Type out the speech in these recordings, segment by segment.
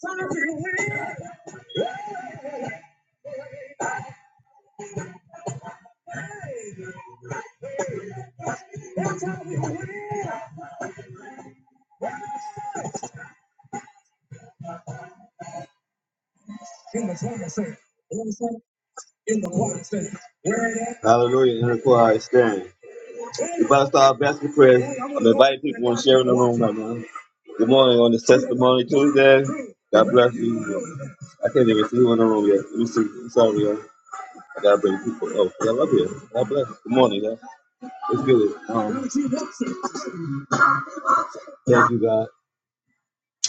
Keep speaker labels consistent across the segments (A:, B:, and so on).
A: In the quiet state. In the quiet state. Hallelujah. In the quiet state. We're about to start basket prayers. I'm inviting people and sharing the room right now. Good morning on this testimony Tuesday. God bless you. I can't even see who in the room yet. Let me see. I'm sorry, y'all. I gotta bring people. Oh, y'all up here. God bless. you. Good morning, y'all. It's good. Um, thank you, God.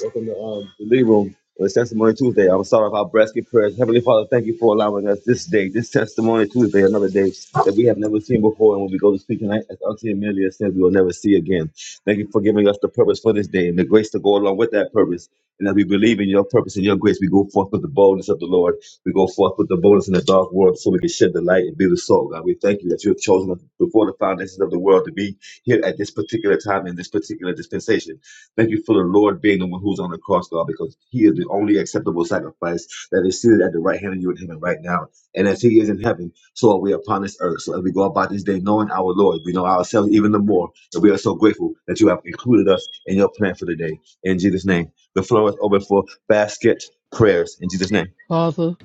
A: Welcome to um, the Lee Room. Well, it's Testimony Tuesday. I'm sorry about our basket prayers. Heavenly Father, thank you for allowing us this day, this Testimony Tuesday, another day that we have never seen before. And when we go to speak tonight, as Auntie Amelia said, we will never see again. Thank you for giving us the purpose for this day and the grace to go along with that purpose. And as we believe in your purpose and your grace, we go forth with the boldness of the Lord. We go forth with the boldness in the dark world so we can shed the light and be the salt, God. We thank you that you have chosen us before the foundations of the world to be here at this particular time in this particular dispensation. Thank you for the Lord being the one who's on the cross, God, because He is the only acceptable sacrifice that is seated at the right hand of you in heaven right now. And as He is in heaven, so are we upon this earth. So as we go about this day, knowing our Lord, we know ourselves even the more. And we are so grateful that you have included us in your plan for the day. In Jesus' name, the floor is open for basket prayers. In Jesus' name,
B: Father,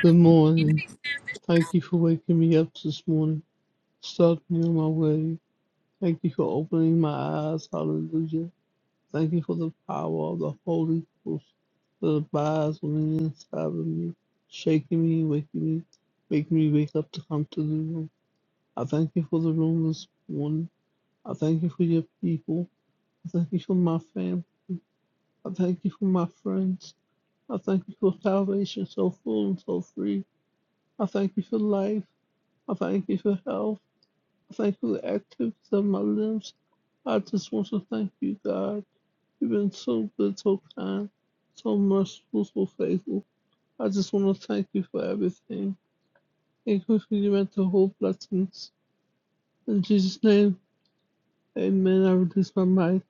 B: good morning. Thank you for waking me up this morning, starting me on my way. Thank you for opening my eyes. Hallelujah. Thank you for the power of the Holy Ghost that abides on the inside of me, shaking me, waking me, making me wake up to come to the room. I thank you for the room this morning. I thank you for your people. I thank you for my family. I thank you for my friends. I thank you for salvation so full and so free. I thank you for life. I thank you for health. I thank you for the activities of my limbs. I just want to thank you, God. You've been so good, so kind, so merciful, so faithful. I just want to thank you for everything. Thank you for your mental whole blessings. In Jesus' name, amen. I release my mic.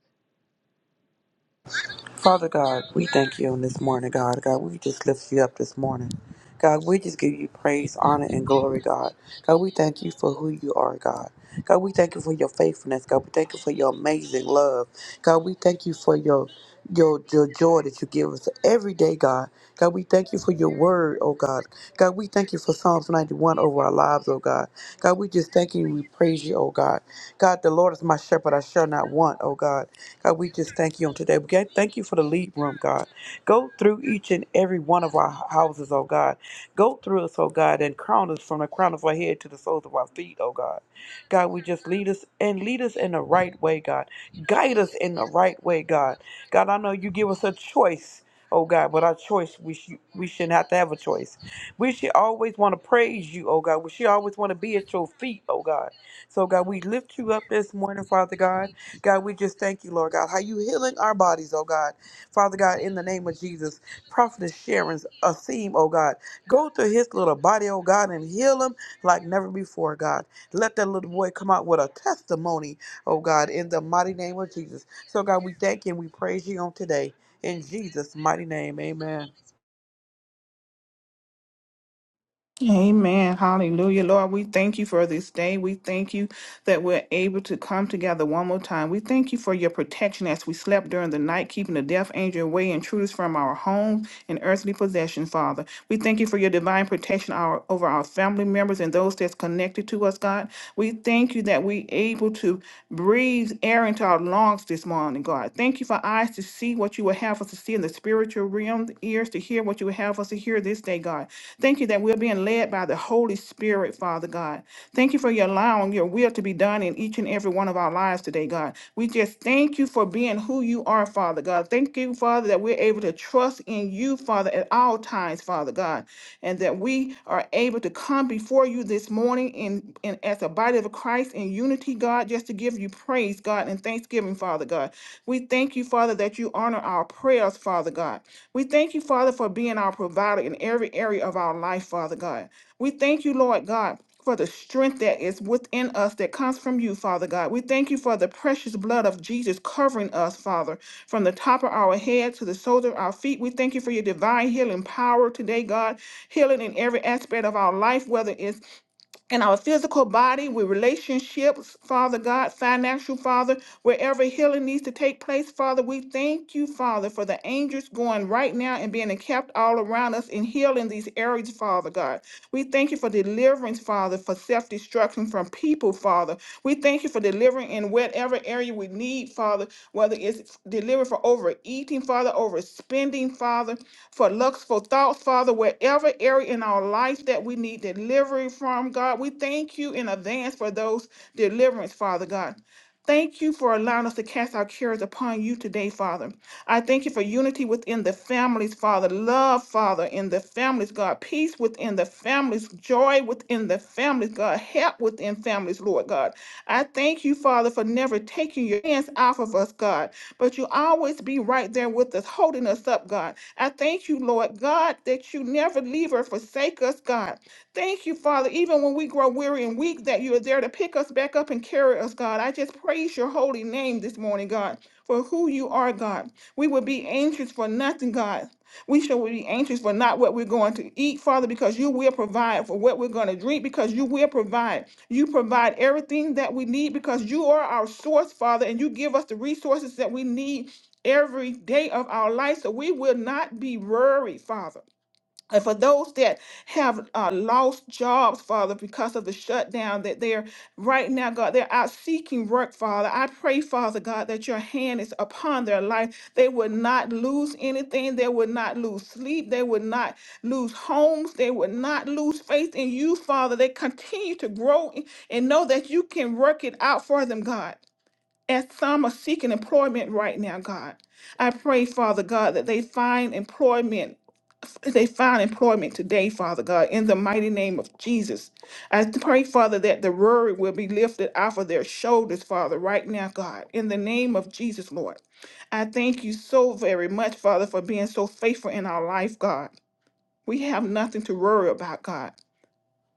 C: Father God, we thank you on this morning, God. God, we just lift you up this morning. God, we just give you praise, honor, and glory, God. God, we thank you for who you are, God. God, we thank you for your faithfulness. God, we thank you for your amazing love. God, we thank you for your your your joy that you give us every day, God. God, we thank you for your word, oh God. God, we thank you for Psalms 91 over our lives, oh God. God, we just thank you and we praise you, oh God. God, the Lord is my shepherd, I shall not want, oh God. God, we just thank you on today. We got- thank you for the lead room, God. Go through each and every one of our houses, oh God. Go through us, oh God, and crown us from the crown of our head to the soles of our feet, oh God. God, we just lead us and lead us in the right way, God. Guide us in the right way, God. God, I know you give us a choice. Oh God, but our choice, we, sh- we shouldn't have to have a choice. We should always want to praise you, oh God. We should always want to be at your feet, oh God. So, God, we lift you up this morning, Father God. God, we just thank you, Lord God, how you healing our bodies, oh God. Father God, in the name of Jesus, Prophetess Sharon's a theme, oh God. Go to his little body, oh God, and heal him like never before, God. Let that little boy come out with a testimony, oh God, in the mighty name of Jesus. So, God, we thank you and we praise you on today. In Jesus' mighty name, amen.
D: Amen. Hallelujah. Lord, we thank you for this day. We thank you that we're able to come together one more time. We thank you for your protection as we slept during the night, keeping the death angel away, intruders from our homes and earthly possessions, Father. We thank you for your divine protection our, over our family members and those that's connected to us, God. We thank you that we're able to breathe air into our lungs this morning, God. Thank you for eyes to see what you would have us to see in the spiritual realm, ears to hear what you would have us to hear hear this day, God. Thank you that we're being led by the Holy Spirit, Father God. Thank you for your allowing your will to be done in each and every one of our lives today, God. We just thank you for being who you are, Father God. Thank you, Father, that we're able to trust in you, Father, at all times, Father God, and that we are able to come before you this morning in, in as a body of Christ in unity, God, just to give you praise, God, and thanksgiving, Father God. We thank you, Father, that you honor our prayers, Father God. We thank you, Father, for being our provider in every area of our life, Father God. We thank you, Lord God. For the strength that is within us that comes from you, Father God. We thank you for the precious blood of Jesus covering us, Father, from the top of our head to the soles of our feet. We thank you for your divine healing power today, God, healing in every aspect of our life, whether it's in our physical body, with relationships, Father God, financial, Father, wherever healing needs to take place, Father, we thank you, Father, for the angels going right now and being kept all around us and healing these areas, Father God. We thank you for deliverance, Father, for self destruction from people, Father. We thank you for delivering in whatever area we need, Father, whether it's delivered for overeating, Father, overspending, Father for lustful thoughts, Father, wherever area in our life that we need delivery from, God. We thank you in advance for those deliverance, Father God. Thank you for allowing us to cast our cares upon you today, Father. I thank you for unity within the families, Father. Love, Father, in the families, God. Peace within the families. Joy within the families, God. Help within families, Lord God. I thank you, Father, for never taking your hands off of us, God. But you always be right there with us, holding us up, God. I thank you, Lord God, that you never leave or forsake us, God. Thank you, Father, even when we grow weary and weak, that you are there to pick us back up and carry us, God. I just praise your holy name this morning, God, for who you are, God. We will be anxious for nothing, God. We shall be anxious for not what we're going to eat, Father, because you will provide for what we're going to drink, because you will provide. You provide everything that we need because you are our source, Father, and you give us the resources that we need every day of our life so we will not be worried, Father. And for those that have uh, lost jobs, Father, because of the shutdown that they're right now, God, they're out seeking work, Father. I pray, Father God, that your hand is upon their life. They would not lose anything. They would not lose sleep. They would not lose homes. They would not lose faith in you, Father. They continue to grow and know that you can work it out for them, God. As some are seeking employment right now, God, I pray, Father God, that they find employment, they find employment today, Father God, in the mighty name of Jesus. I pray, Father, that the word will be lifted off of their shoulders, Father, right now, God, in the name of Jesus, Lord. I thank you so very much, Father, for being so faithful in our life, God. We have nothing to worry about, God.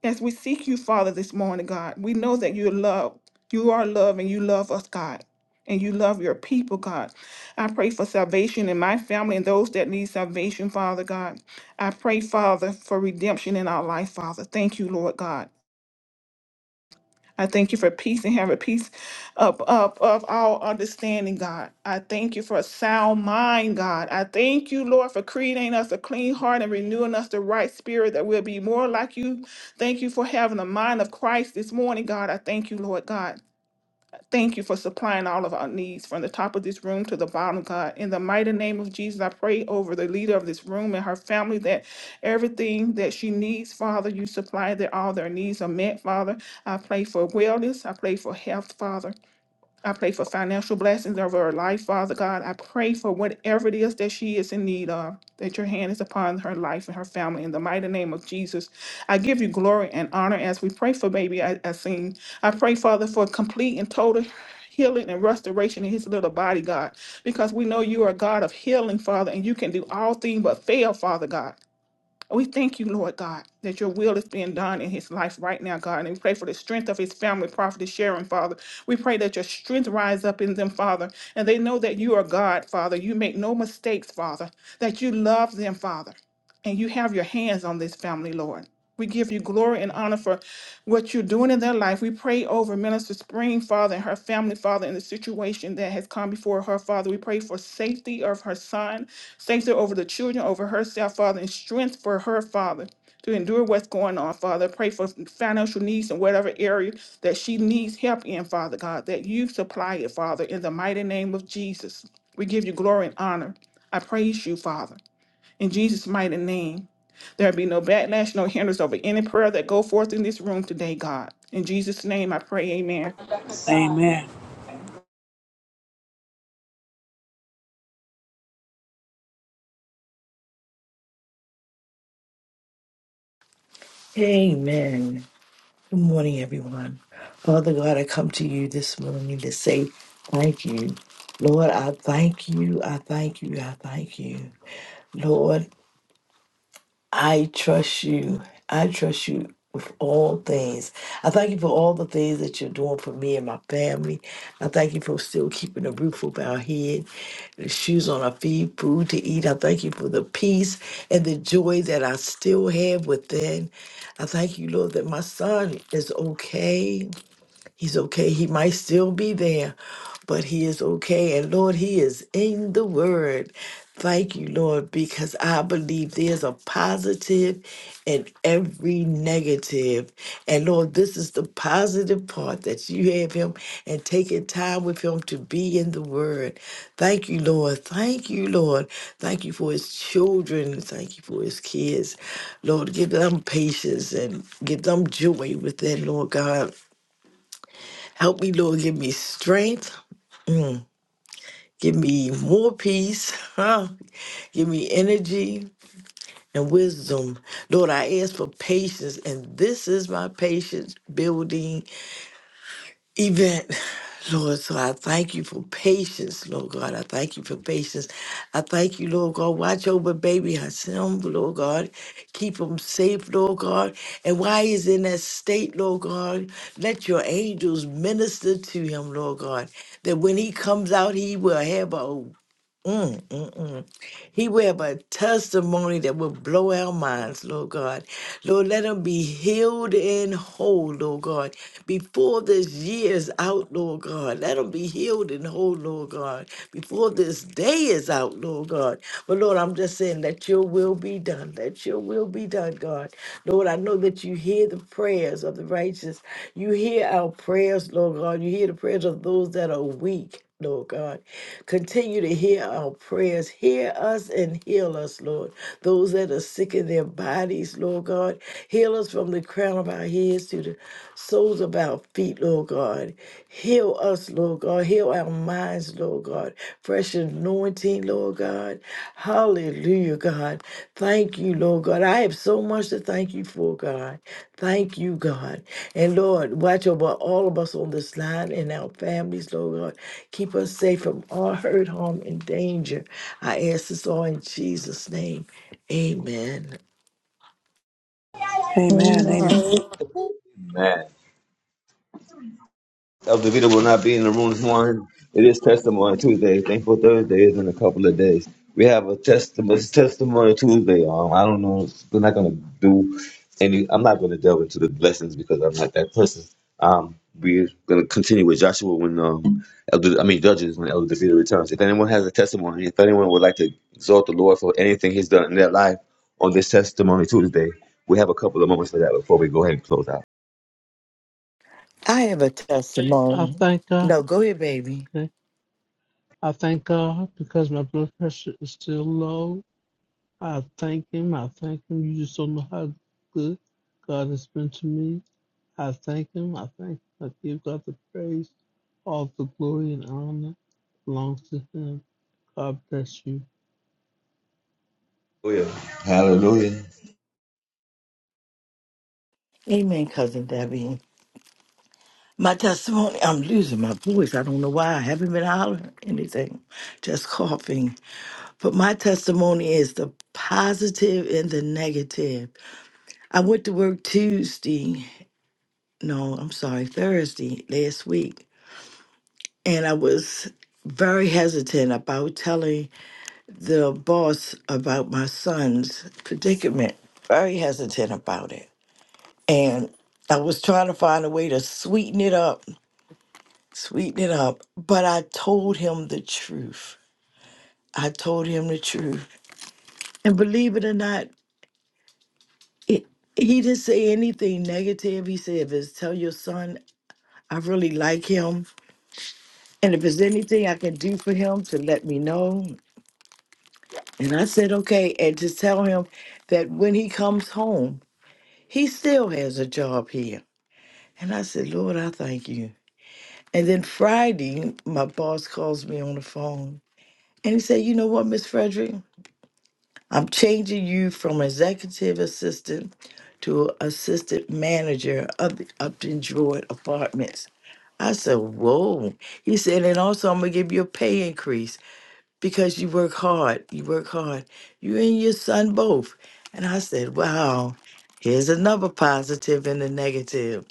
D: As we seek you, Father, this morning, God, we know that you're love. You are love and you love us, God. And you love your people, God. I pray for salvation in my family and those that need salvation, Father God. I pray, Father, for redemption in our life, Father. Thank you, Lord God. I thank you for peace and have a peace of, of, of all understanding, God. I thank you for a sound mind, God. I thank you, Lord, for creating us a clean heart and renewing us the right spirit that will be more like you. Thank you for having the mind of Christ this morning, God. I thank you, Lord God. Thank you for supplying all of our needs from the top of this room to the bottom, God. In the mighty name of Jesus, I pray over the leader of this room and her family that everything that she needs, Father, you supply that all their needs are met, Father. I pray for wellness. I pray for health, Father. I pray for financial blessings over her life, Father God. I pray for whatever it is that she is in need of, that your hand is upon her life and her family. In the mighty name of Jesus, I give you glory and honor as we pray for baby I Asim. I pray, Father, for complete and total healing and restoration in his little body, God, because we know you are a God of healing, Father, and you can do all things but fail, Father God. We thank you, Lord God, that your will is being done in his life right now, God. And we pray for the strength of his family, Prophet Sharon, Father. We pray that your strength rise up in them, Father. And they know that you are God, Father. You make no mistakes, Father. That you love them, Father. And you have your hands on this family, Lord. We give you glory and honor for what you're doing in their life. We pray over Minister Spring, Father, and her family, Father, in the situation that has come before her, Father. We pray for safety of her son, safety over the children, over herself, Father, and strength for her, Father. To endure what's going on, Father. Pray for financial needs in whatever area that she needs help in, Father God, that you supply it, Father, in the mighty name of Jesus. We give you glory and honor. I praise you, Father. In Jesus' mighty name, there be no backlash, no hindrance over any prayer that go forth in this room today, God. In Jesus' name, I pray, amen.
C: Amen.
E: Amen. Good morning, everyone. Father God, I come to you this morning to say thank you. Lord, I thank you. I thank you. I thank you. Lord, I trust you. I trust you with all things. I thank you for all the things that you're doing for me and my family. I thank you for still keeping a roof over our head, the shoes on our feet, food to eat. I thank you for the peace and the joy that I still have within. I thank you, Lord, that my son is okay. He's okay. He might still be there, but he is okay. And Lord, he is in the word. Thank you, Lord, because I believe there's a positive in every negative. And Lord, this is the positive part that you have him and taking time with him to be in the word. Thank you, Lord. Thank you, Lord. Thank you for his children. Thank you for his kids. Lord, give them patience and give them joy with that. Lord God. Help me, Lord. Give me strength. Mm. Give me more peace. Huh? Give me energy and wisdom. Lord, I ask for patience, and this is my patience building event, Lord. So I thank you for patience, Lord God. I thank you for patience. I thank you, Lord God. Watch over baby Hashem, Lord God. Keep him safe, Lord God. And while he's in that state, Lord God, let your angels minister to him, Lord God. That when he comes out, he will have a Mm, mm, mm. He will have a testimony that will blow our minds, Lord God. Lord, let him be healed and whole, Lord God. Before this year is out, Lord God, let him be healed and whole, Lord God. Before this day is out, Lord God. But Lord, I'm just saying, let your will be done. Let your will be done, God. Lord, I know that you hear the prayers of the righteous. You hear our prayers, Lord God. You hear the prayers of those that are weak. Lord God. Continue to hear our prayers. Hear us and heal us, Lord. Those that are sick in their bodies, Lord God. Heal us from the crown of our heads to the soles of our feet, Lord God. Heal us, Lord God. Heal our minds, Lord God. Fresh anointing. Lord God. Hallelujah, God. Thank you, Lord God. I have so much to thank you for, God. Thank you, God. And Lord, watch over all of us on this line and our families, Lord God. Keep us safe from all hurt, harm, and danger. I ask this all in Jesus' name. Amen.
C: Amen.
D: Amen.
C: Amen.
A: Amen. Elder Vita will not be in the room this morning. It is Testimony Tuesday. Thankful Thursday is in a couple of days. We have a testimony Testimony Tuesday. Um, I don't know. We're not gonna do any. I'm not gonna delve into the blessings because I'm not that person. Um, we're gonna continue with Joshua when um, Elder, I mean Judges when Elder Vita returns. If anyone has a testimony, if anyone would like to exalt the Lord for anything He's done in their life on this Testimony Tuesday, we have a couple of moments for that before we go ahead and close out.
E: I have a
B: I
E: testimony.
B: thank God.
E: No, go ahead, baby.
B: Okay. I thank God because my blood pressure is still low. I thank Him. I thank Him. You just don't know how good God has been to me. I thank him. I thank him. I give God the praise. All the glory and honor belongs to him. God bless you.
A: Hallelujah. Hallelujah.
E: Amen, cousin Debbie. My testimony, I'm losing my voice. I don't know why. I haven't been hollering anything, just coughing. But my testimony is the positive and the negative. I went to work Tuesday, no, I'm sorry, Thursday last week, and I was very hesitant about telling the boss about my son's predicament. Very hesitant about it. And I was trying to find a way to sweeten it up, sweeten it up. But I told him the truth. I told him the truth. And believe it or not, He he didn't say anything negative. He said, if it's tell your son, I really like him. And if there's anything I can do for him, to let me know. And I said, okay. And to tell him that when he comes home, he still has a job here. And I said, Lord, I thank you. And then Friday, my boss calls me on the phone and he said, you know what, Miss Frederick? I'm changing you from executive assistant to assistant manager of the Upton Druid Apartments. I said, Whoa. He said, And also, I'm going to give you a pay increase because you work hard. You work hard. You and your son both. And I said, Wow, here's another positive and a negative.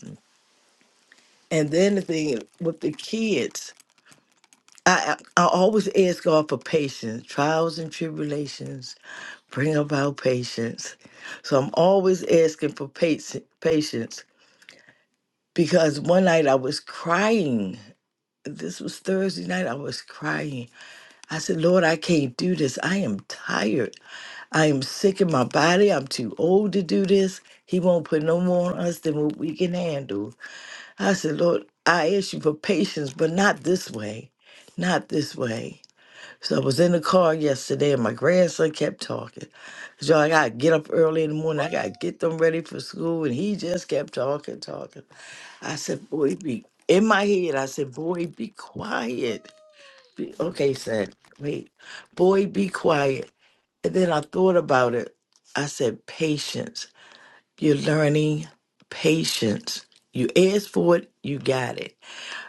E: And then the thing with the kids, I, I I always ask God for patience. Trials and tribulations bring about patience. So I'm always asking for patience, patience because one night I was crying. This was Thursday night. I was crying I said, Lord, I can't do this. I am tired. I am sick in my body. I'm too old to do this. He won't put no more on us than what we can handle. I said, Lord, I ask you for patience, but not this way. Not this way. So I was in the car yesterday and my grandson kept talking. Cause y'all, I gotta get up early in the morning. I gotta get them ready for school. And he just kept talking, talking. I said, boy, be in my head, I said, boy, be quiet. Be- Okay, said, wait, boy, be quiet. And then I thought about it. I said, patience. You're learning patience. You asked for it, you got it.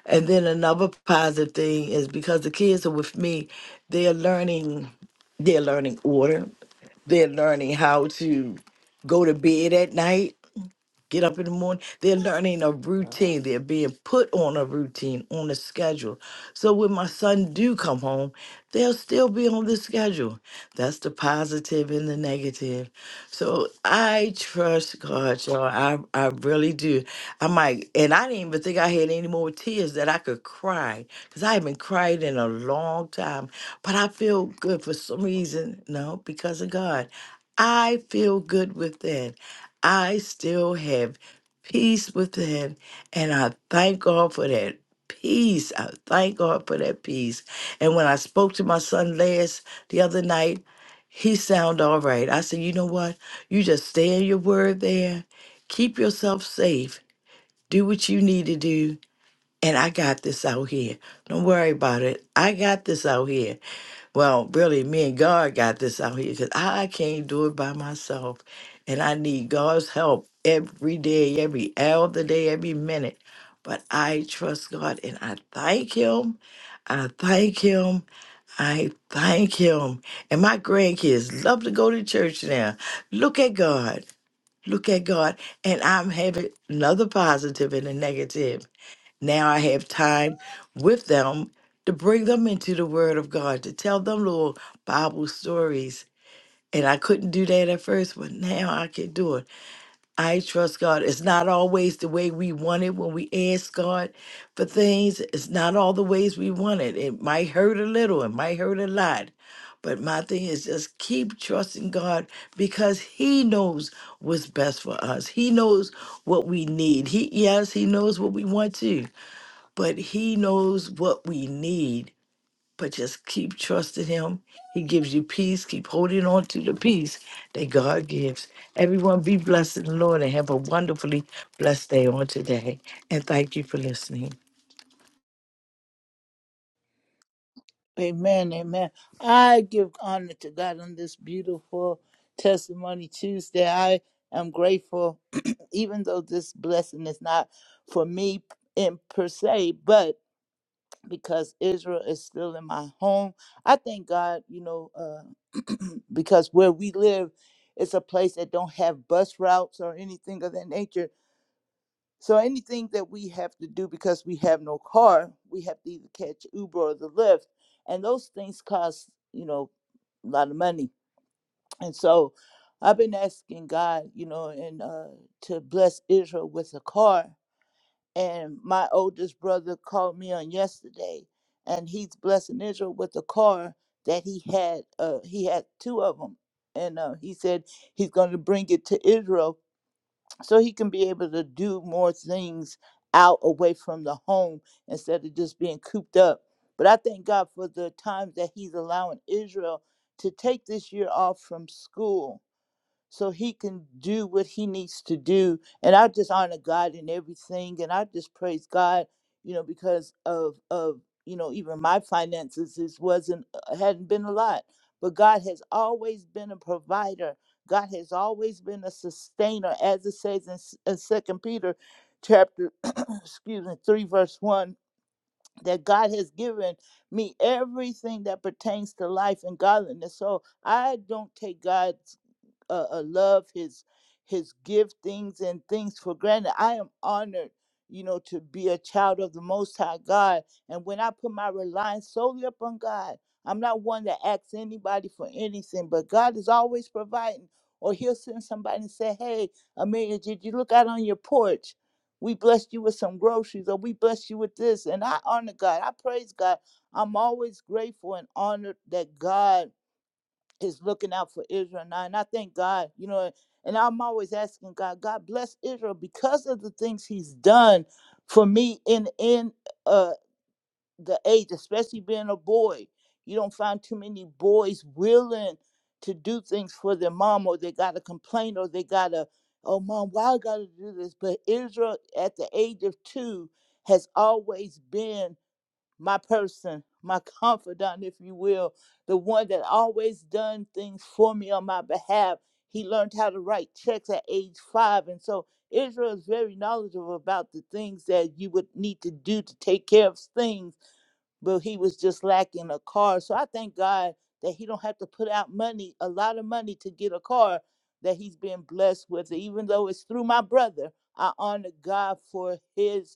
E: And then another positive thing is because the kids are with me, they're learning, they're learning order. They're learning how to go to bed at night get up in the morning. They're learning a routine. They're being put on a routine, on a schedule. So when my son do come home, they'll still be on the schedule. That's the positive and the negative. So I trust God, y'all. I, I really do. I might, and I didn't even think I had any more tears that I could cry because I haven't cried in a long time. But I feel good for some reason. No, because of God. I feel good with that. I still have peace with him. And I thank God for that peace. I thank God for that peace. And when I spoke to my son last the other night, he sounded all right. I said, you know what? You just stay in your word there. Keep yourself safe. Do what you need to do. And I got this out here. Don't worry about it. I got this out here. Well, really, me and God got this out here because I can't do it by myself. And I need God's help every day, every hour of the day, every minute. But I trust God and I thank Him. I thank Him. I thank Him. And my grandkids love to go to church now. Look at God. Look at God. And I'm having another positive and a negative. Now I have time with them to bring them into the Word of God, to tell them little Bible stories. And I couldn't do that at first, but now I can do it. I trust God. It's not always the way we want it when we ask God for things. It's not all the ways we want it. It might hurt a little, it might hurt a lot. But my thing is just keep trusting God because He knows what's best for us. He knows what we need. He yes, He knows what we want too but he knows what we need. But just keep trusting him. He gives you peace. Keep holding on to the peace that God gives. Everyone be blessed in the Lord and have a wonderfully blessed day on today. And thank you for listening.
F: Amen, amen. I give honor to God on this beautiful testimony Tuesday. I am grateful, even though this blessing is not for me in per se, but because Israel is still in my home. I thank God, you know, uh, because where we live it's a place that don't have bus routes or anything of that nature. So anything that we have to do because we have no car, we have to either catch Uber or the Lyft, and those things cost you know a lot of money. And so I've been asking God, you know, and uh, to bless Israel with a car. And my oldest brother called me on yesterday, and he's blessing Israel with a car that he had. Uh, he had two of them, and uh, he said he's going to bring it to Israel so he can be able to do more things out away from the home instead of just being cooped up. But I thank God for the time that he's allowing Israel to take this year off from school so he can do what he needs to do. And I just honor God in everything, and I just praise God, you know, because of of you know even my finances is wasn't uh, hadn't been a lot, but God has always been a provider. God has always been a sustainer, as it says in, S- in Second Peter, chapter excuse me three verse one. That God has given me everything that pertains to life and godliness. So I don't take God's uh, uh, love, his his giftings and things for granted. I am honored, you know, to be a child of the Most High God. And when I put my reliance solely upon God, I'm not one that asks anybody for anything, but God is always providing. Or He'll send somebody and say, "Hey, Amelia, did you look out on your porch?" We blessed you with some groceries, or we blessed you with this. And I honor God. I praise God. I'm always grateful and honored that God is looking out for Israel now. And I thank God, you know, and I'm always asking God, God bless Israel because of the things he's done for me in in uh the age, especially being a boy. You don't find too many boys willing to do things for their mom or they gotta complain or they gotta, oh mom, why I gotta do this? But Israel at the age of two has always been my person, my confidant, if you will, the one that always done things for me on my behalf. He learned how to write checks at age five. And so Israel is very knowledgeable about the things that you would need to do to take care of things, but he was just lacking a car. So I thank God that he don't have to put out money, a lot of money to get a car that he's been blessed with. Even though it's through my brother, I honor God for his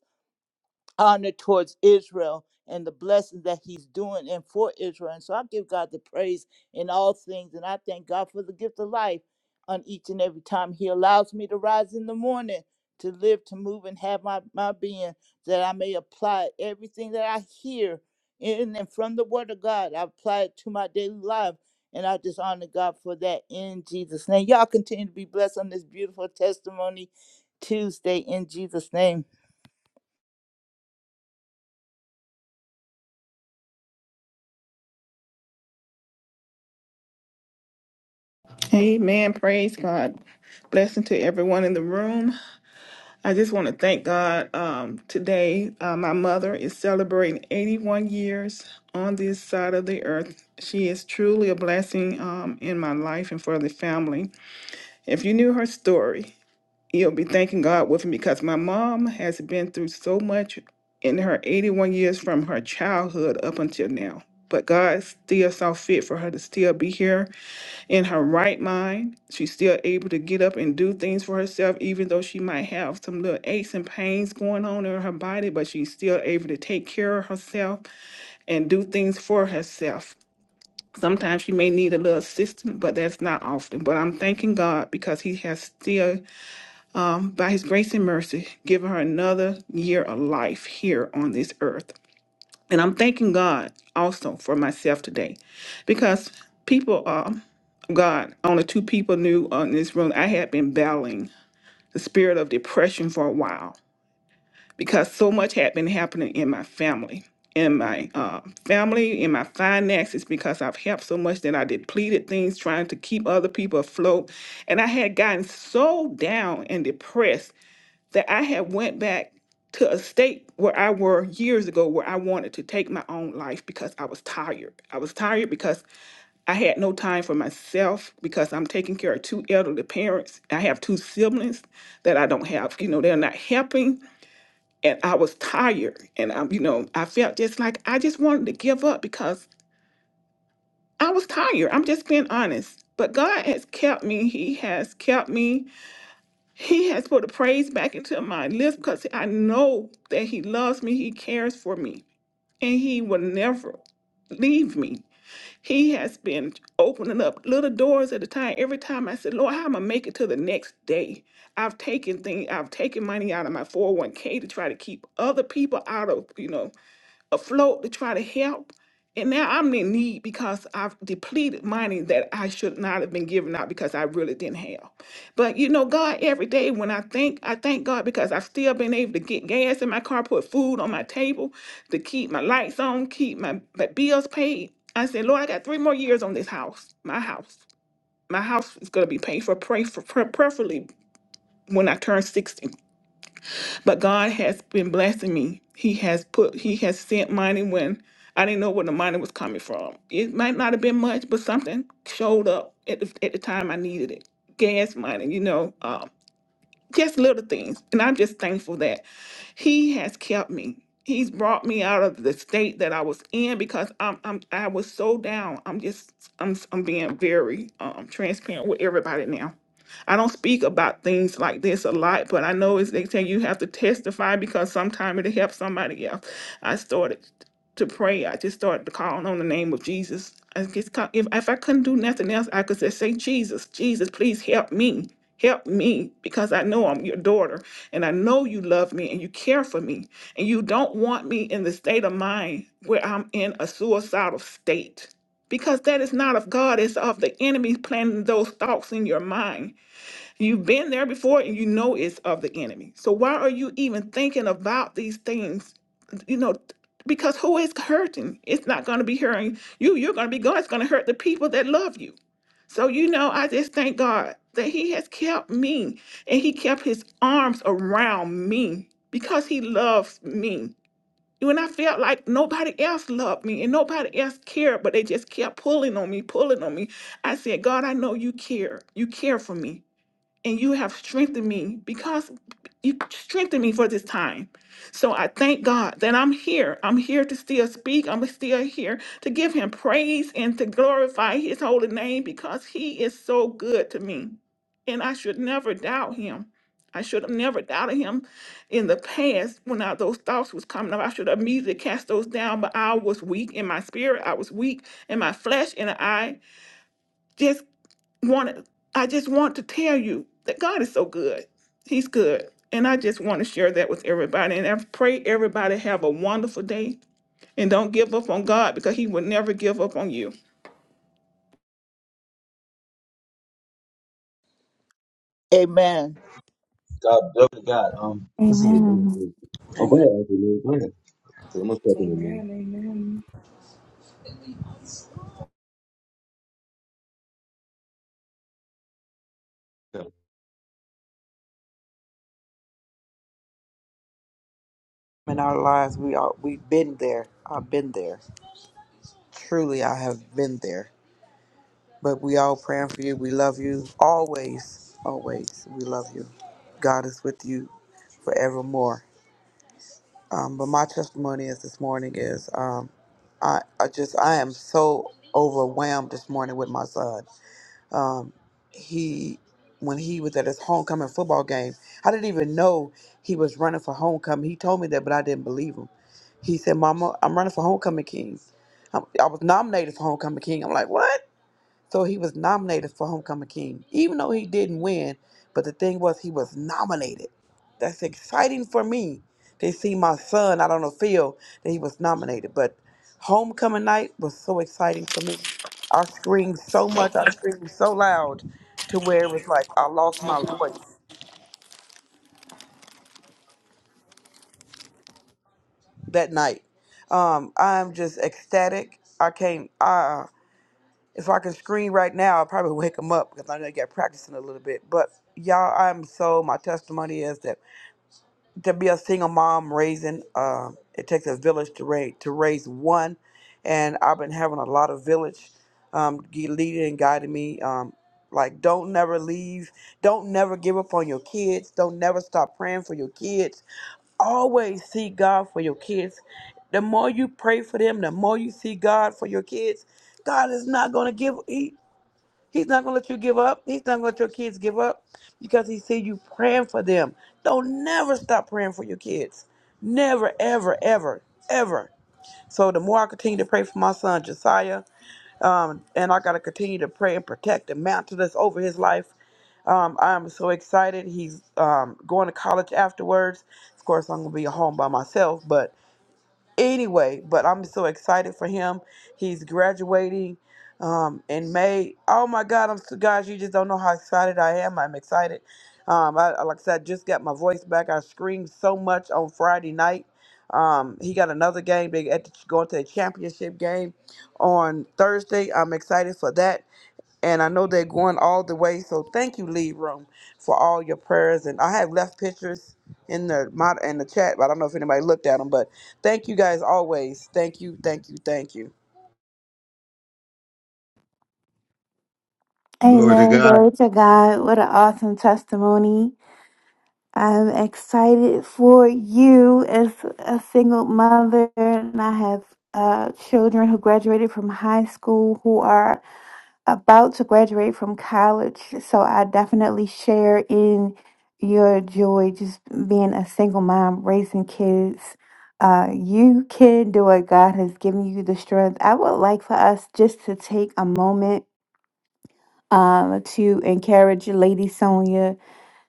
F: honor towards Israel and the blessings that he's doing and for Israel. And so I give God the praise in all things. And I thank God for the gift of life on each and every time he allows me to rise in the morning to live, to move, and have my, my being, that I may apply everything that I hear in and from the word of God. I apply it to my daily life. And I just honor God for that in Jesus' name. Y'all continue to be blessed on this beautiful testimony Tuesday in Jesus' name.
D: Amen. Praise God. Blessing to everyone in the room. I just want to thank God um, today. Uh, my mother is celebrating 81 years on this side of the earth. She is truly a blessing um, in my life and for the family. If you knew her story, You'll be thanking God with me because my mom has been through so much in her 81 years from her childhood up until now. But God still saw fit for her to still be here in her right mind. She's still able to get up and do things for herself, even though she might have some little aches and pains going on in her body, but she's still able to take care of herself and do things for herself. Sometimes she may need a little assistance, but that's not often. But I'm thanking God because He has still um, by his grace and mercy, giving her another year of life here on this earth. And I'm thanking God also for myself today because people, um, God, only two people knew uh, in this room. I had been battling the spirit of depression for a while because so much had been happening in my family. In my uh, family, in my finances, because I've helped so much that I depleted things trying to keep other people afloat. And I had gotten so down and depressed that I had went back to a state where I were years ago where I wanted to take my own life because I was tired. I was tired because I had no time for myself because I'm taking care of two elderly parents. I have two siblings that I don't have, you know, they're not helping and I was tired and I'm, you know, I felt just like I just wanted to give up because I was tired. I'm just being honest. But God has kept me. He has kept me he has put a praise back into my lips because I know that He loves me, He cares for me, and He will never leave me. He has been opening up little doors at a time. Every time I said, Lord, how am I make it to the next day? I've taken things, I've taken money out of my 401k to try to keep other people out of, you know afloat to try to help. And now I'm in need because I've depleted money that I should not have been giving out because I really didn't have. But you know, God, every day when I think, I thank God because I've still been able to get gas in my car, put food on my table, to keep my lights on, keep my, my bills paid. I said, Lord, I got three more years on this house, my house. My house is going to be paid for, pray for, pre- preferably when I turn 60. But God has been blessing me. He has put, He has sent money when I didn't know where the money was coming from. It might not have been much, but something showed up at the, at the time I needed it. Gas money, you know, um, just little things. And I'm just thankful that he has kept me. He's brought me out of the state that I was in because I'm, I'm I was so down. I'm just I'm I'm being very um transparent with everybody now. I don't speak about things like this a lot, but I know as they say you have to testify because sometime it'll help somebody else. I started to pray, I just started calling on the name of Jesus. I just ca- if if I couldn't do nothing else, I could just say, Jesus, Jesus, please help me, help me, because I know I'm your daughter, and I know you love me and you care for me, and you don't want me in the state of mind where I'm in a suicidal state, because that is not of God; it's of the enemy planting those thoughts in your mind You've been there before and you know it's of the enemy. So why are you even thinking about these things? You know, because who is hurting? It's not going to be hurting you. You're going to be gone. It's going to hurt the people that love you. So, you know, I just thank God that He has kept me and He kept His arms around me because He loves me. When I felt like nobody else loved me and nobody else cared, but they just kept pulling on me, pulling on me, I said, God, I know you care. You care for me and you have strengthened me because you strengthened me for this time. So I thank God that I'm here. I'm here to still speak. I'm still here to give him praise and to glorify his holy name because he is so good to me. And I should never doubt him. I should have never doubted him in the past when I, those thoughts was coming up. I should have immediately cast those down, but I was weak in my spirit. I was weak in my flesh, and I just want I just want to tell you that God is so good. He's good. And I just want to share that with everybody. And I pray everybody have a wonderful day and don't give up on God because he will never give up on you.
F: Amen.
A: God, definitely God. Um, this is a big
G: Amen.
A: thing. Oh, go
C: Amen.
A: ahead, Uncle Lou. Go ahead. 'Cause I'm gonna step in a minute.
H: Amen, amen.
A: Yeah.
C: In our lives, we are, we've been there. I've been there. Truly, I have been there. But we all praying for you. We love you always, always. We love you. God is with you forevermore. Um, but my testimony is this morning is um, I, I just I am so overwhelmed this morning with my son. Um, he when he was at his homecoming football game, I didn't even know he was running for homecoming. He told me that, but I didn't believe him. He said, "Mama, I'm running for homecoming king." I I was nominated for homecoming king. I'm like, "What?" So he was nominated for Homecoming King, even though he didn't win. But the thing was, he was nominated. That's exciting for me to see my son out on the field that he was nominated. But Homecoming night was so exciting for me. I screamed so much, I screamed so loud to where it was like I lost my voice that night. Um, I'm just ecstatic. I can't. I If I could scream right now, I'd probably wake them up because I know he got practicing a little bit. But y'all, I'm so my testimony is that to be a single mom raising, um, it takes a village to raise to raise one, and I've been having a lot of village um, gui- leading and guiding me. Um, like don't never leave, don't never give up on your kids, don't never stop praying for your kids. Always seek God for your kids. The more you pray for them, the more you see God for your kids. God is not going to give. He's not going to let you give up. He's not going to let your kids give up because he see you praying for them. Don't never stop praying for your kids. Never, ever, ever, ever. So the more I continue to pray for my son Josiah, um, and I got to continue to pray and protect and mantle that's over his life. Um, I'm so excited. He's um, going to college afterwards. Of course, I'm going to be home by myself, but anyway, but I'm so excited for him. He's graduating um, in May. Oh my God, I'm so, guys, you just don't know how excited I am. I'm excited. Um, I, I- like I said, I just got my voice back. I screamed so much on Friday night. Um, he got another game. They at the, going to the championship game on Thursday. I'm excited for that and I know they're going all the way. So thank you, Lead Room, for all your prayers. And I have left pictures in the mod in the chat, but I don't know if anybody looked at them. But thank you guys always. Thank you, thank you, thank you.
A: Glory to
G: Amen.
A: God.
G: Glory to God. What an awesome testimony. I'm excited for you as a single mother, and I have uh, children who graduated from high school who are about to graduate from college. So I definitely share in your joy just being a single mom, raising kids. Uh, you can do it. God has given you the strength. I would like for us just to take a moment Um, to encourage Lady Sonia.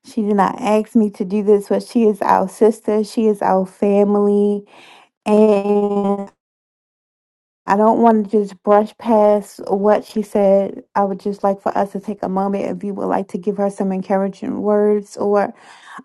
G: She did not ask me to do this, but she is our sister. She is our family. And I don't want to just brush past what she said. I would just like for us to take a moment if you would like to give her some encouraging words or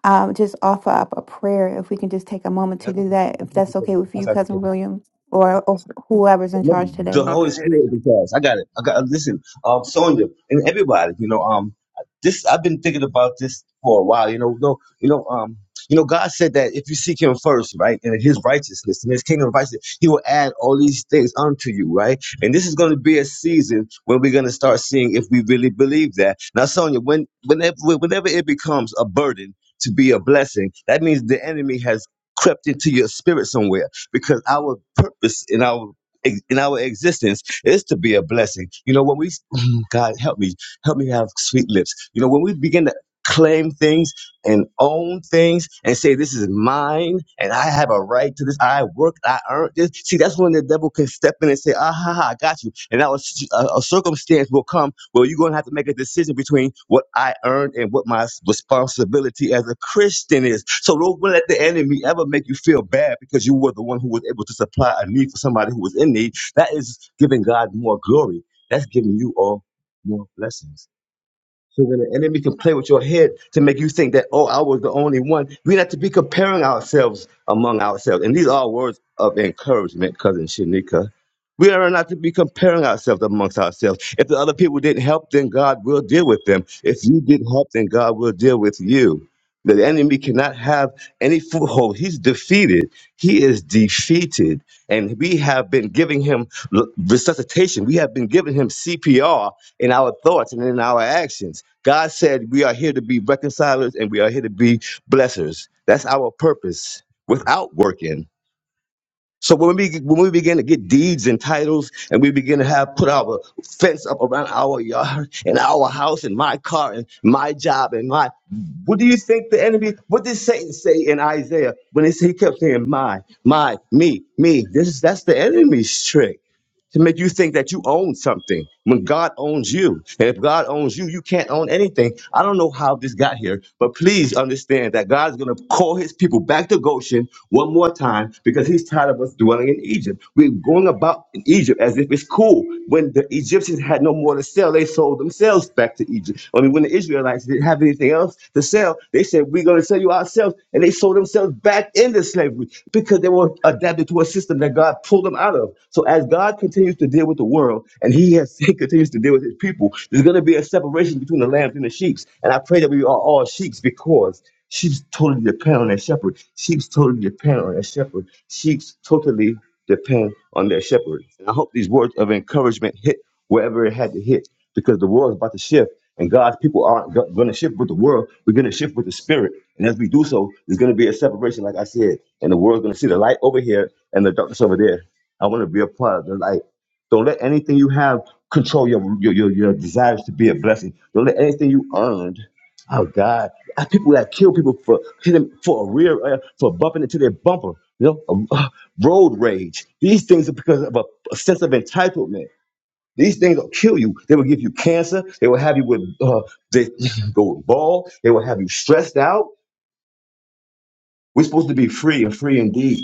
G: um, just offer up a prayer. If we can just take a moment
A: Yeah, I
G: to
A: think-
G: do that,
A: I
G: if
A: think you
G: that's okay with you,
A: said-
G: Cousin William, or, or whoever's in
A: No,
G: charge
A: the
G: today.
C: Uncle
A: Holy
C: Nettie.
A: Spirit because I got it. I got listen, um, Sonya and everybody. You know, um, this I've been thinking about this for a while. You know, no, you know, um, you know, God said that if you seek Him first, right, and His righteousness and His kingdom of righteousness, He will add all these things unto you, right? And this is going to be a season when we're going to start seeing if we really believe that. Now, Sonya, when whenever whenever it becomes a burden to be a blessing, that means the enemy has crept into your spirit somewhere because our purpose and our ex- in our existence is to be a blessing. You know, when we, God, help me, help me have sweet lips. You know, when we begin to claim things, and own things and say, This is mine and I have a right to this. I worked, I earned this. See, that's when the devil can step in and say, Ah, ha, ha, I got you. And now a, s- a- a circumstance will come where you're going to have to make a decision between what I earned and what my s- responsibility as a Christian is. So don't let the enemy ever make you feel bad because you were the one who was able to supply a need for somebody who was in need. That is giving God more glory. That's giving you all more blessings. So when the enemy can play with your head to make you think that, oh, I was the only one, we have to be comparing ourselves among ourselves. And these are words of encouragement, cousin Shanika. We are not to be comparing ourselves amongst ourselves. If the other people didn't help, then God will deal with them. If you didn't help, then God will deal with you. The enemy cannot have any foothold. He's defeated. He is defeated and we have been giving him l- resuscitation. We have been giving him CPR in our thoughts and in our actions. God said we are here to be reconcilers and we are here to be blessers. That's our purpose without working. So when we when we begin to get deeds and titles, and we begin to have put our fence up around our yard and our house and my car and my job and my, what do you think the enemy? What did Satan say in Isaiah when he, he kept saying my, my, me, me? This is that's the enemy's trick to make you think that you own something when God owns you. And if God owns you, you can't own anything. I don't know how this got here, but please understand that God is going to call his people back to Goshen one more time because he's tired of us dwelling in Egypt. We're going about in Egypt as if it's cool. When the Egyptians had no more to sell, they sold themselves back to Egypt. I mean, when the Israelites didn't have anything else to sell, they said, We're going to sell you ourselves. And they sold themselves back into slavery because they were adapted to a system that God pulled them out of. So as God continues continues to deal with the world and he has he continues to deal with his people, there's going to be a separation between the lambs and the sheep. And I pray that we are all sheep because sheeps totally depend on their shepherd. Sheeps totally depend on their shepherd. Sheeps totally depend on their shepherd. And I hope these words of encouragement hit wherever it had to hit because the world is about to shift and God's people aren't going to shift with the world. We're going to shift with the spirit. And as we do so, there's going to be a separation, like I said, and the world's going to see the light over here and the darkness over there. I want to be a part of the light. Don't let anything you have control your your your, your desires to be a blessing. Don't let anything you earned. Oh God, I people that kill people for hitting for a rear uh, for bumping into their bumper. You know, um, uh, road rage. These things are because of a, a sense of entitlement. These things will kill you. They will give you cancer. They will have you with uh, they go bald. They will have you stressed out. We're supposed to be free and free indeed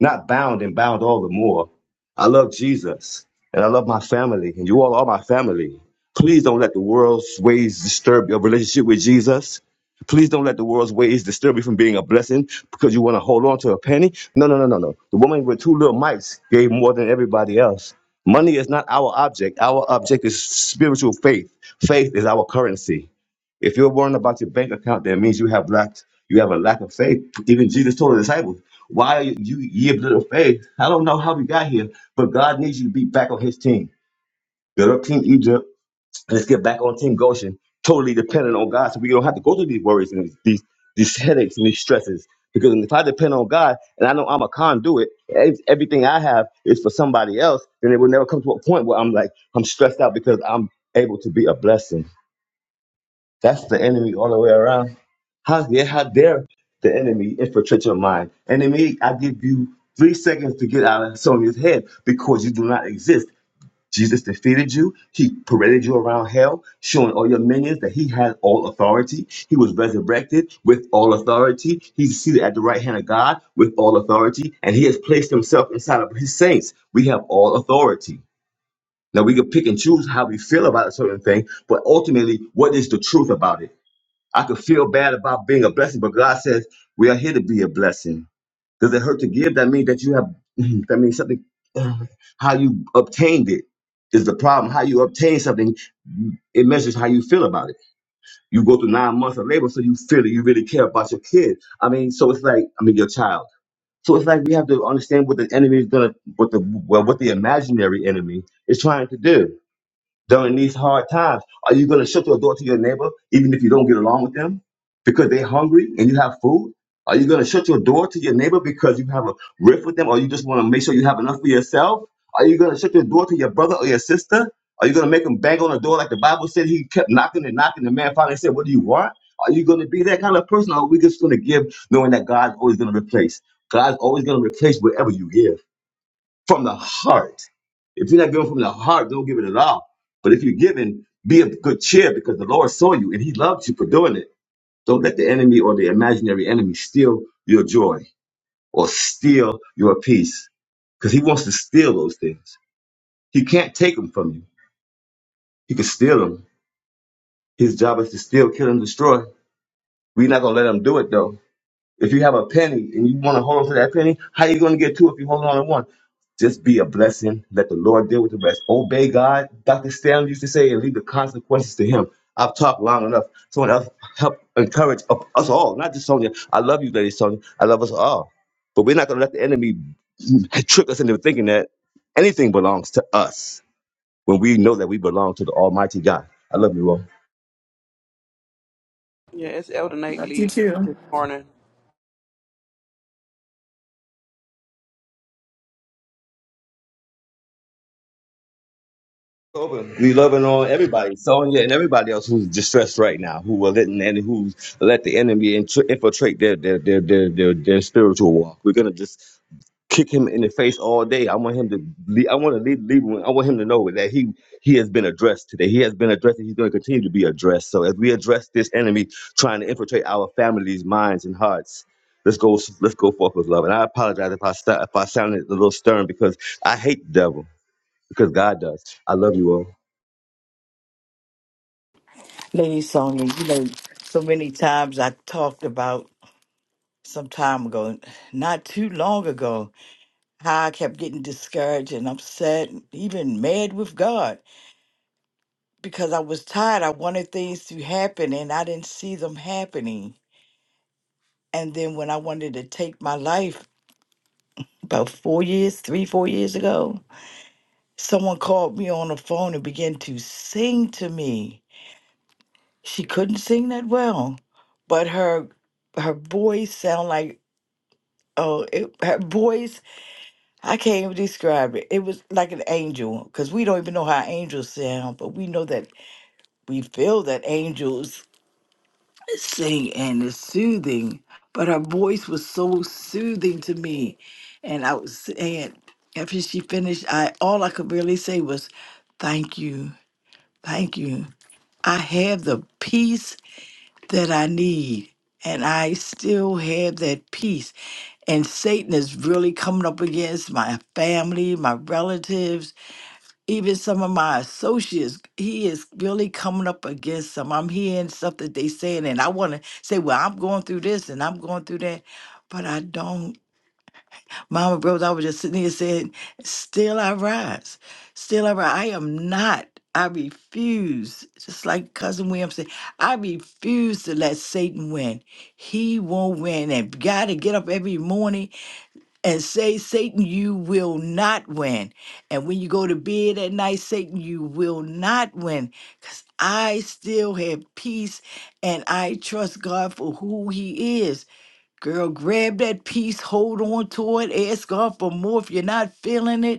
A: not bound and bound all the more. I love Jesus and I love my family, and you all are my family. Please don't let the world's ways disturb your relationship with Jesus. Please don't let the world's ways disturb you from being a blessing because you want to hold on to a penny. No, no, no, no, no. The woman with two little mites gave more than everybody else. Money is not our object. Our object is spiritual faith. Faith is our currency. If you're worrying about your bank account, that means you have lacked you have a lack of faith. Even Jesus told the disciples, "Why are you ye of little faith?" I don't know how we got here, but God needs you to be back on His team. Get up, Team Egypt. Let's get back on Team Goshen. Totally dependent on God, so we don't have to go through these worries and these these headaches and these stresses. Because if I depend on God and I know I'm a conduit, ev- everything I have is for somebody else, then it will never come to a point where I'm like I'm stressed out because I'm able to be a blessing. That's the enemy all the way around. How yeah, how dare the enemy infiltrate your mind? Enemy, I give you three seconds to get out of Sonia's head because you do not exist. Jesus defeated you. He paraded you around hell, showing all your minions that he had all authority. He was resurrected with all authority. He's seated at the right hand of God with all authority, and he has placed himself inside of his saints. We have all authority. Now, we can pick and choose how we feel about a certain thing, but ultimately, what is the truth about it? I could feel bad about being a blessing, but God says we are here to be a blessing. Does it hurt to give? That means that you have that means something how you obtained it is the problem. How you obtain something, it measures how you feel about it. You go through nine months of labor, so you feel it. You really care about your kid. I mean, so it's like, I mean, your child. So it's like we have to understand what the enemy is gonna, what the well, what the imaginary enemy is trying to do during these hard times? Are you going to shut your door to your neighbor even if you don't get along with them because they're hungry and you have food? Are you going to shut your door to your neighbor because you have a rift with them or you just want to make sure you have enough for yourself? Are you going to shut your door to your brother or your sister? Are you going to make them bang on the door like the Bible said? He kept knocking and knocking. The man finally said, What do you want? Are you going to be that kind of person or are we just going to give knowing that God's always going to replace? God's always going to replace whatever you give from the heart. If you're not giving from the heart, don't give it at all. But if you're giving, be of good cheer because the Lord saw you and He loved you for doing it. Don't let the enemy or the imaginary enemy steal your joy or steal your peace because He wants to steal those things. He can't take them from you, He can steal them. His job is to steal, kill, and destroy. We're not going to let Him do it though. If you have a penny and you want to hold on to that penny, how you going to get two if you hold on to one? Just be a blessing. Let the Lord deal with the rest. Obey God. Dr. Stanley used to say, and leave the consequences to Him. I've talked long enough. Someone else help encourage up- us all, not just Sonia. I love you, Lady Sonia. I love us all. But we're not going to let the enemy trick us into thinking that anything belongs to us when we know that we belong to the Almighty God. I love you all.
C: Yeah, it's Elder Nate
D: Love you
C: Lee
D: too.
C: this morning.
A: Open. We loving on everybody, Sonya and everybody else who's distressed right now, who will let and who let the enemy int- infiltrate their their, their their their their spiritual walk. We're gonna just kick him in the face all day. I want him to. Leave, I want to leave, leave. him- I want him to know that he he has been addressed today. He has been addressed, and he's going to continue to be addressed. So as we address this enemy trying to infiltrate our families, minds, and hearts. Let's go. Let's go forth with love. And I apologize if I st- if I sounded a little stern because I hate the devil because God does. I love you all.
E: Lady Sonya, you know, so many times I talked about some time ago, not too long ago, how I kept getting discouraged and upset, even mad with God. because I was tired. I wanted things to happen and I didn't see them happening. And then when I wanted to take my life about four years, three, four years ago, someone called me on the phone and began to sing to me. She couldn't sing that well, but her her voice sound like oh it, her voice I can't even describe it. It was like an angel because we don't even know how angels sound, but we know that we feel that angels sing and it's soothing. But her voice was so soothing to me. And I was saying after she finished, I all I could really say was, Thank you, thank you. I have the peace that I need. And I still have that peace. And Satan is really coming up against my family, my relatives, even some of my associates, he is really coming up against some. I'm hearing stuff that they saying, and I want to say, well, I'm going through this and I'm going through that, but I don't. Mama, brothers, I was just sitting here saying, still I rise, still I rise. I am not. I refuse, just like Cousin William said, I refuse to let Satan win. He won't win. And got to get up every morning and say, Satan, you will not win. And when you go to bed at night, Satan, you will not win. Because I still have peace and I trust God for who He is. Girl, grab that peace, hold on to it, ask God for more if you're not feeling it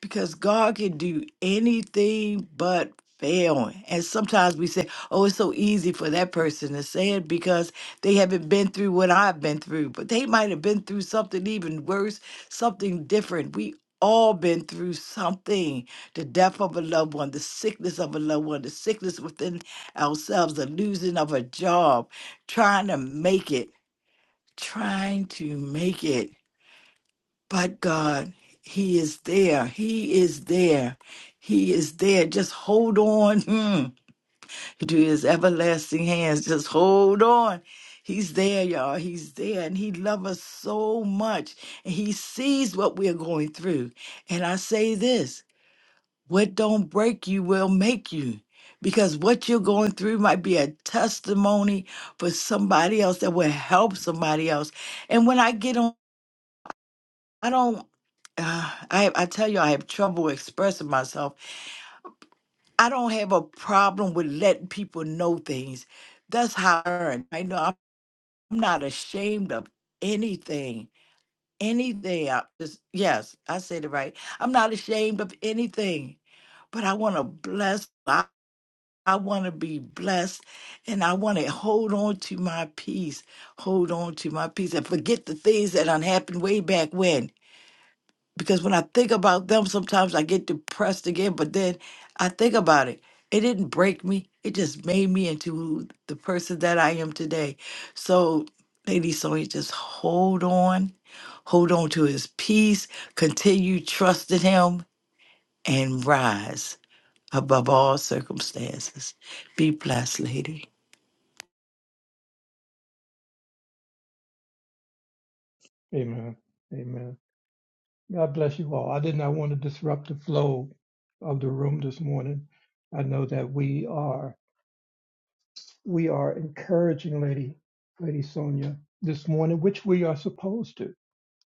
E: because God can do anything but fail. And sometimes we say, oh, it's so easy for that person to say it because they haven't been through what I've been through, but they might have been through something even worse, something different. We all been through something the death of a loved one the sickness of a loved one the sickness within ourselves the losing of a job trying to make it trying to make it but God, He is there. He is there. He is there. Just hold on mm, to His everlasting hands. Just hold on. He's there, y'all. He's there. And He loves us so much. And He sees what we're going through. And I say this what don't break you will make you. Because what you're going through might be a testimony for somebody else that will help somebody else. And when I get on, I don't. Uh, I I tell you, I have trouble expressing myself. I don't have a problem with letting people know things. That's how I learn. I know I'm I'm not ashamed of anything. Anything. I just yes, I said it right. I'm not ashamed of anything, but I want to bless. I, I want to be blessed, and I want to hold on to my peace. Hold on to my peace, and forget the things that done happened way back when. because when I think about them, sometimes I get depressed again. But then I think about it. It didn't break me. It just made me into who the person that I am today. So, Lady Sonya, just hold on, hold on to His peace. Continue trusting Him and rise above all circumstances. Be blessed, lady.
I: Amen. Amen. God bless you all. I did not want to disrupt the flow of the room this morning. I know that we are we are encouraging Lady Lady Sonia this morning, which we are supposed to.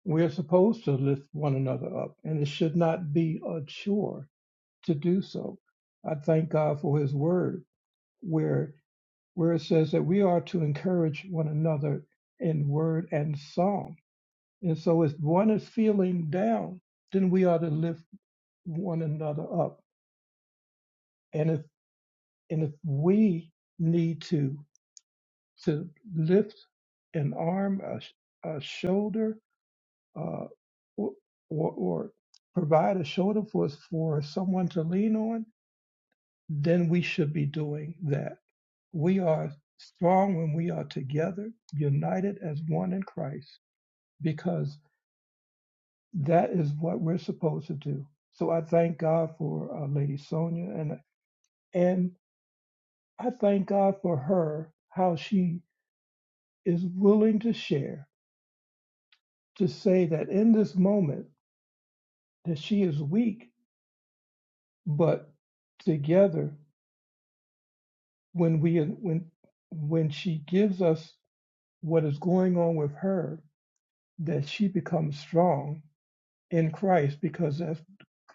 I: We are supposed to lift one another up, and it should not be a chore to do so. I thank God for His Word, where where it says that we are to encourage one another in word and song And so if one is feeling down, then we ought to lift one another up. And if and if we need to to lift an arm, a, sh- a shoulder, uh, or, or or provide a shoulder for us for someone to lean on, then we should be doing that. We are strong when we are together, united as one in Christ, because. that is what we're supposed to do. So I thank God for uh, Lady Sonia, and and I thank God for her how she is willing to share to say that in this moment that she is weak, but together when we when when she gives us what is going on with her, that she becomes strong in Christ because as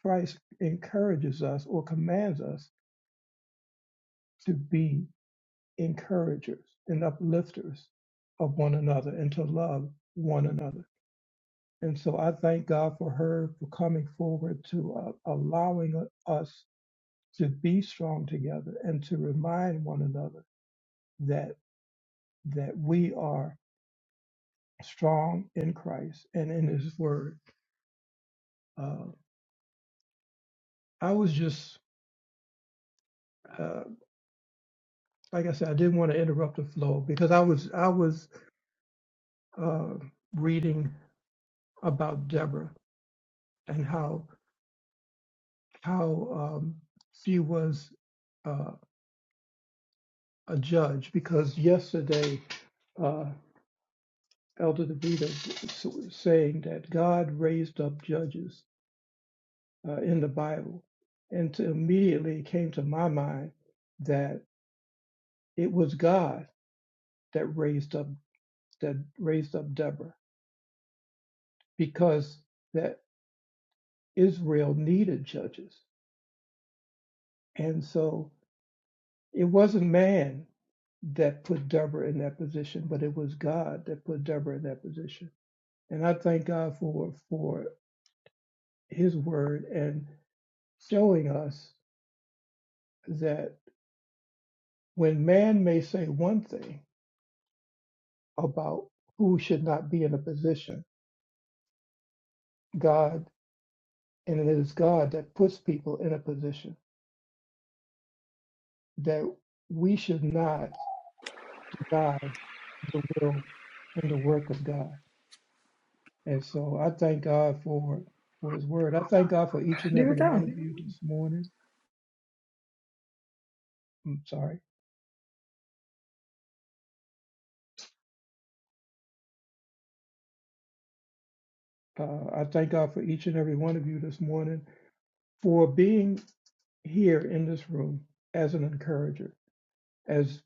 I: Christ encourages us or commands us to be. encouragers and uplifters of one another and to love one another. And so I thank God for her for coming forward to uh, allowing uh, us to be strong together and to remind one another that that we are strong in Christ and in His Word. Uh, I was just uh, like I said, I didn't want to interrupt the flow because I was I was uh, reading about Deborah and how how um, she was uh, a judge because yesterday uh, Elder DeVita was saying that God raised up judges uh, in the Bible, and to immediately it came to my mind that it was God that raised up that raised up Deborah because that Israel needed judges, and so it wasn't man that put Deborah in that position, but it was God that put Deborah in that position And I thank God for for His Word and showing us that when man may say one thing about who should not be in a position, God and it is God that puts people in a position that we should not deny the will and the work of God. And so I thank God for for His Word. I thank God for each and
H: Do your
I: every one of
H: thing.
I: you this morning. I'm sorry. Uh, I thank God for each and every one of you this morning for being here in this room as an encourager, as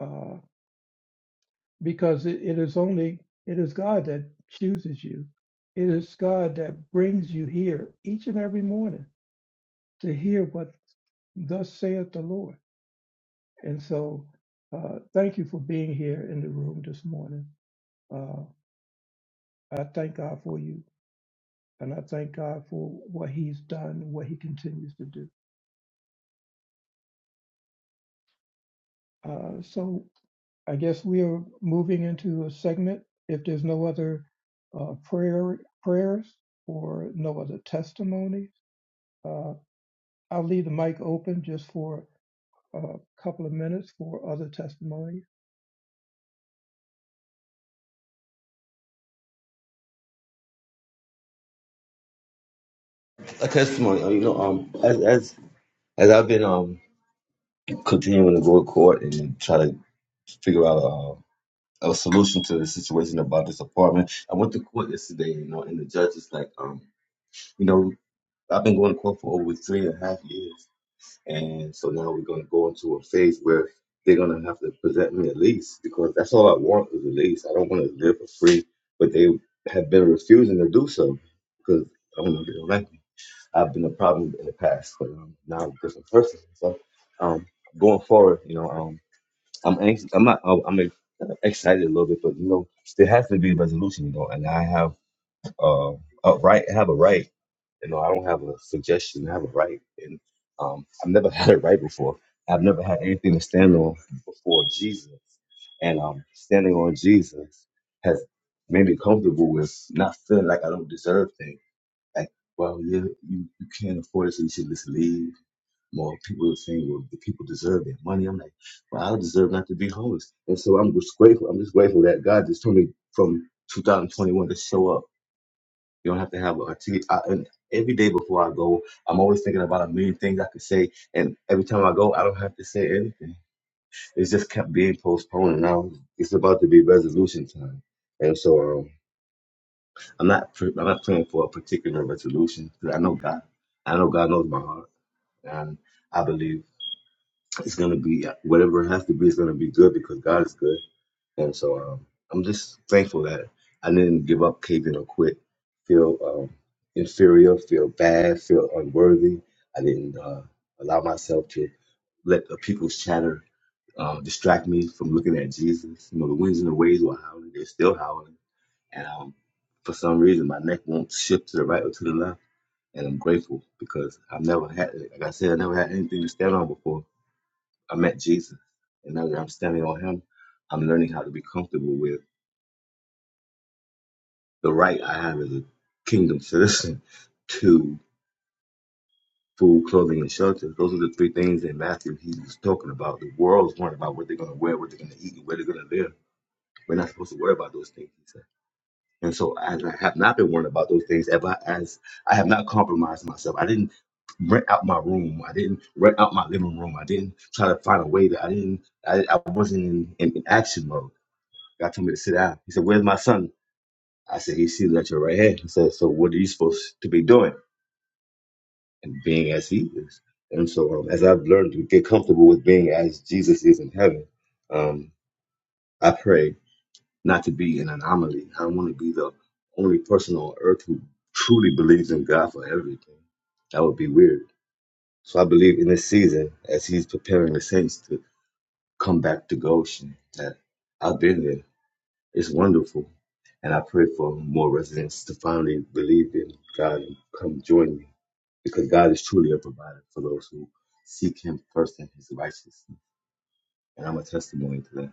I: uh, because it, it is only it is God that chooses you. It is God that brings you here each and every morning to hear what thus saith the Lord. And so, uh, thank you for being here in the room this morning. Uh, I thank God for you, and I thank God for what He's done, and what He continues to do. Uh, so I guess we are moving into a segment. If there's no other uh, prayer prayers or no other testimonies, uh, I'll leave the mic open just for a couple of minutes for other testimonies.
A: a testimony. uh, You know, um, as as as I've been um continuing to go to court and try to figure out a a solution to the situation about this apartment. I went to court yesterday, you know, and the judge is like, um, you know, I've been going to court for over three and a half years, and so now we're going to go into a phase where they're going to have to present me a lease because that's all I want is a lease. I don't want to live for free, but they have been refusing to do so because I don't know if they don't like me. I've been a problem in the past, but um, now I'm a different person. So um, going forward, you know, um, I'm anxious. I'm not. oh, I'm excited a little bit, but you know, there has to be a resolution, you know. And I have uh, a right. I have a right. You know, I don't have a suggestion. I have a right, and um, I've never had a right before. I've never had anything to stand on before Jesus, and um, standing on Jesus has made me comfortable with not feeling like I don't deserve things like, well, you you, you can't afford it, so you should just leave. More people are saying, well, the people deserve their money. I'm like, well, I deserve not to be homeless, and so I'm just grateful. I'm just grateful that God just told me from 2021 to show up. You don't have to have a t- I, and every day before I go, I'm always thinking about a million things I could say, and every time I go, I don't have to say anything. It just kept being postponed, and now it's about to be resolution time, and so. Um, I'm not pr- I'm not praying for a particular resolution 'cause I know God. I know God knows my heart, and I believe it's gonna be whatever it has to be. It's gonna be good because God is good, and so um, I'm just thankful that I didn't give up, cave in, or quit. Feel um, inferior, feel bad, feel unworthy. I didn't uh, allow myself to let the people's chatter um, distract me from looking at Jesus. You know, the winds and the waves were howling; they're still howling and um, for some reason, my neck won't shift to the right or to the left. And I'm grateful because I've never had, like I said, I never had anything to stand on before. I met Jesus. And now that I'm standing on him, I'm learning how to be comfortable with the right I have as a kingdom citizen to food, clothing, and shelter. Those are the three things that Matthew he was talking about. The world's worrying about what they're going to wear, what they're going to eat, and where they're going to live. We're not supposed to worry about those things. And so as I have not been worrying about those things, ever as I have not compromised myself, I didn't rent out my room. I didn't rent out my living room. I didn't try to find a way that I didn't, I, I wasn't in, in, in action mode. God told me to sit down. He said, where's my son? I said, he's seated at your right hand. He said, so what are you supposed to be doing? And being as he is. And so um, as I've learned to get comfortable with being as Jesus is in heaven, um, I pray not to be an anomaly. I want to be the only person on earth who truly believes in God for everything. That would be weird. So I believe in this season, as He's preparing the saints to come back to Goshen, that I've been there. It's wonderful. And I pray for more residents to finally believe in God and come join me because God is truly a provider for those who seek Him first and His righteousness. And I'm a testimony to that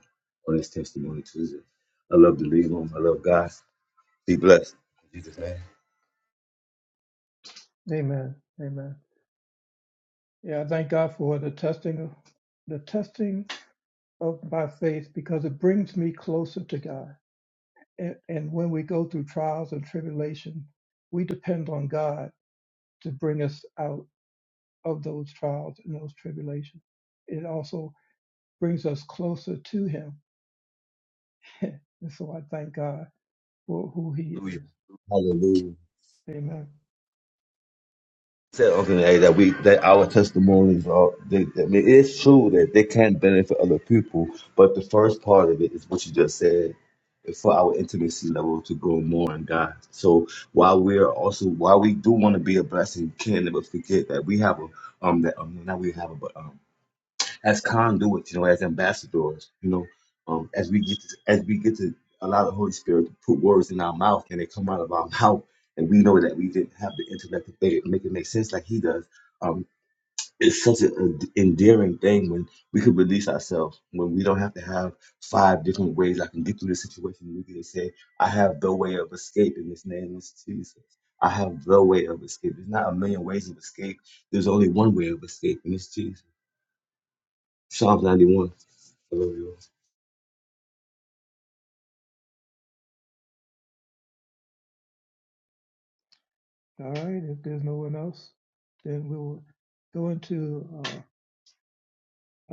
A: on this testimony Tuesday. I love the lead room. I love God. Be blessed. In Jesus' name.
I: Amen. Amen. Yeah, I thank God for the testing the testing of my faith because it brings me closer to God. And, and when we go through trials and tribulation, we depend on God to bring us out of those trials and those tribulations. It also brings us closer to Him. and so I thank God for who He
A: Hallelujah.
I: is.
A: Hallelujah.
I: Amen.
A: Said Uncle A that we that our testimonies are they, I mean, it's true that they can benefit other people, but the first part of it is what you just said. is for our intimacy level to grow more in God. So while we are also while we do want to be a blessing, we can never forget that we have a um that um not we have a but um. as conduits, you know, as ambassadors, you know, um, as we get to, as we get to allow the Holy Spirit to put words in our mouth and they come out of our mouth, and we know that we didn't have the intellect to think, make it make sense like He does. Um, it's such an endearing thing when we can release ourselves, when we don't have to have five different ways I can get through this situation. We can just say, I have the way of escape in this name of Jesus. I have the way of escape. There's not a million ways of escape. There's only one way of escape, and it's Jesus. Psalms 91. I love you.
I: All right. If there's no one else, then we will go into. Uh,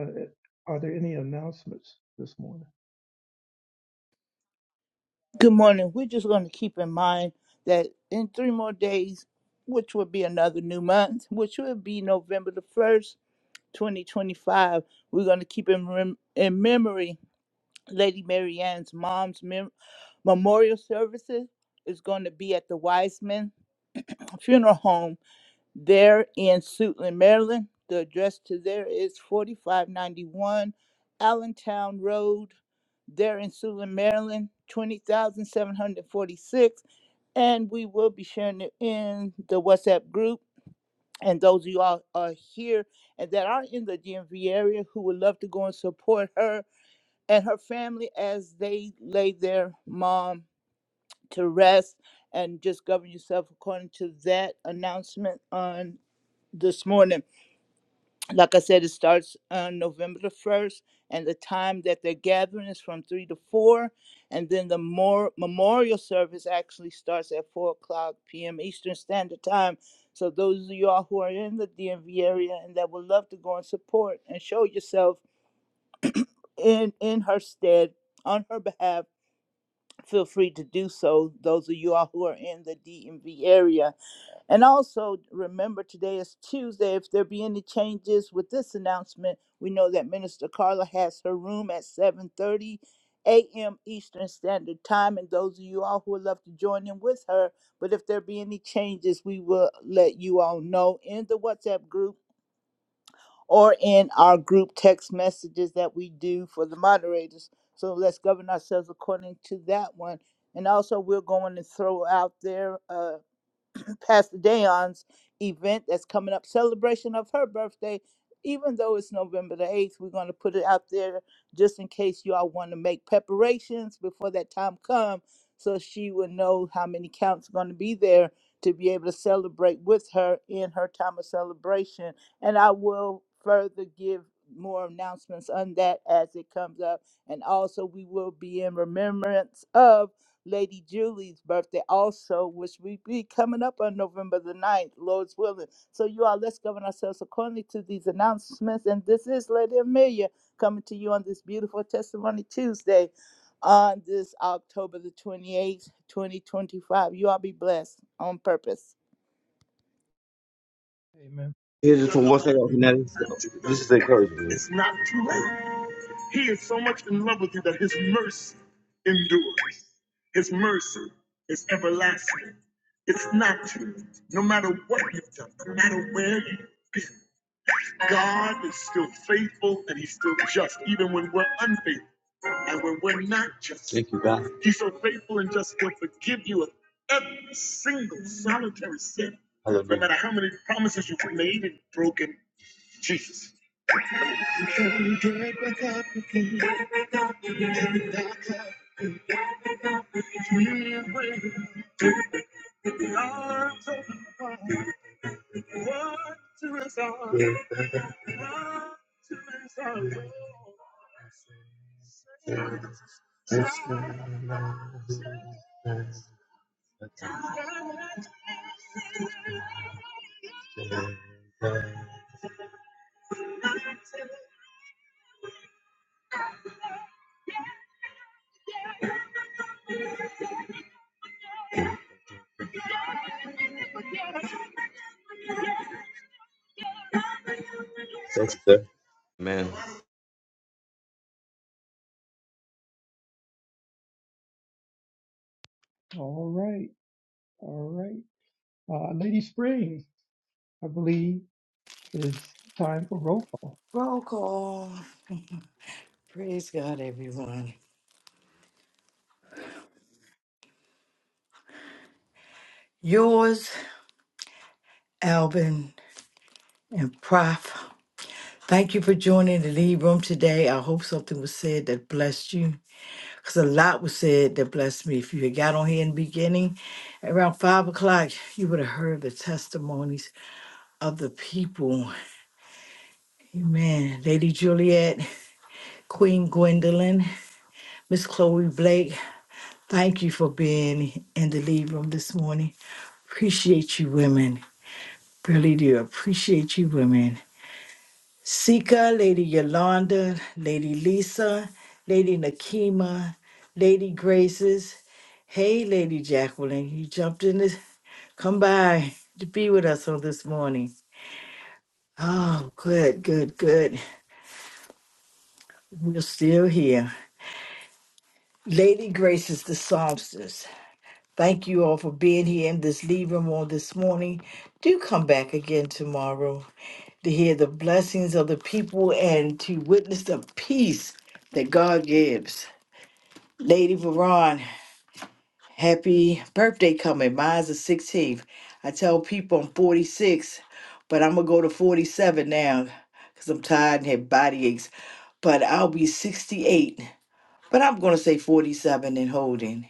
I: uh, are there any announcements this morning?
F: Good morning. We're just going to keep in mind that in three more days, which will be another new month, which will be November the 1st, 2025, we're going to keep in, rem- in memory Lady Mary Ann's mom's mem- memorial services is going to be at the Wiseman Funeral Home there in Suitland, Maryland. The address to there is 4591 Allentown Road, there in Suitland, Maryland, 20,746 and we will be sharing it in the WhatsApp group. And those of you all are here and that are in the DMV area who would love to go and support her and her family as they lay their mom to rest and just govern yourself according to that announcement on this morning like I said, it starts on November the 1st, and the time that they're gathering is from 3 to 4. And then the more memorial service actually starts at 4 o'clock p.m. Eastern Standard Time. So, those of you all who are in the DMV area and that would love to go and support and show yourself in, in her stead, on her behalf, feel free to do so. Those of you all who are in the DMV area and also remember today is Tuesday. If there be any changes with this announcement, we know that Minister Carla has her room at 7:30 a.m. Eastern Standard Time. And those of you all who would love to join in with her, but if there be any changes, we will let you all know in the WhatsApp group or in our group text messages that we do for the moderators. So let's govern ourselves according to that one. And also, we're going to throw out there. uh, Pastor Dayon's event that's coming up, celebration of her birthday. Even though it's November the 8th, we're going to put it out there just in case y'all want to make preparations before that time comes, so she will know how many counts are going to be there to be able to celebrate with her in her time of celebration. And I will further give more announcements on that as it comes up. And also, we will be in remembrance of. Lady Julie's birthday also, which we be coming up on November the ninth, Lord's willing. So you all, let's govern ourselves accordingly to these announcements. And this is Lady Amelia coming to you on this beautiful Testimony Tuesday on this October the 28th, 2025. You all be blessed on purpose.
I: Amen.
A: Here's just one thing off
I: Amen.
A: Fanatic. This is encouragement. It's not too late. He is so much in love with you that his mercy endures. His mercy is everlasting. It's not too late. No matter what you've done, no matter where you've been, God is still faithful and he's still just, even when we're unfaithful. And when we're not just, Thank you, God. He's so faithful and just He'll forgive you of every single solitary sin, no matter how many promises you've made and broken. Jesus. Thanks, sir. Yes, sir. Yes, sir.
I: All right. All right. Uh, Lady Spring, I believe, is time for roll call.
E: Roll call. Praise God, everyone. Yours, Alvin and Prof. Thank you for joining the lead room today. I hope something was said that blessed you, because a lot was said that blessed me. If you had got on here in the beginning, around five o'clock, you would have heard the testimonies of the people. Amen. Lady Juliet, Queen Gwendolyn, Miss Chloe Blake, thank you for being in the lead room this morning. Appreciate you, women. Really do appreciate you, women. Sika, Lady Yolanda, Lady Lisa, Lady Nakima, Lady Graces. Hey, Lady Jacqueline, you jumped in this. Come by to be with us on this morning. Oh, good, good, good. We're still here. Lady Graces, the Psalmstress. Thank you all for being here in this leave room on this morning. Do come back again tomorrow to hear the blessings of the people and to witness the peace that God gives. Lady Veron, happy birthday coming. Mine's the 16th. I tell people I'm 46, but I'm going to go to 47 now because I'm tired and have body aches. But I'll be 68, but I'm going to say 47 and holding.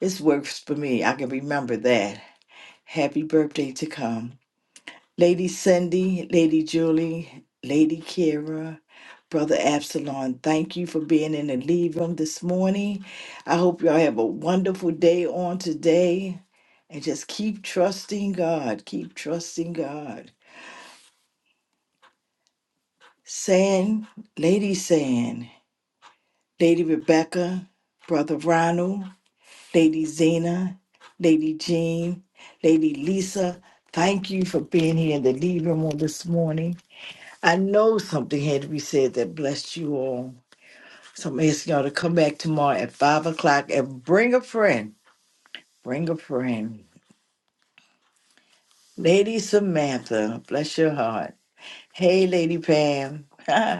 E: This works for me. I can remember that. Happy birthday to come. Lady Cindy, Lady Julie, Lady Kira, Brother Absalom, thank you for being in the lead room this morning. I hope y'all have a wonderful day on today and just keep trusting God. Keep trusting God. San, Lady San, Lady Rebecca, Brother Ronald, Lady Zena, Lady Jean, Lady Lisa, thank you for being here in the lead room on this morning. I know something had to be said that blessed you all. So I'm asking y'all to come back tomorrow at five o'clock and bring a friend. Bring a friend. Lady Samantha, bless your heart. Hey, Lady Pam.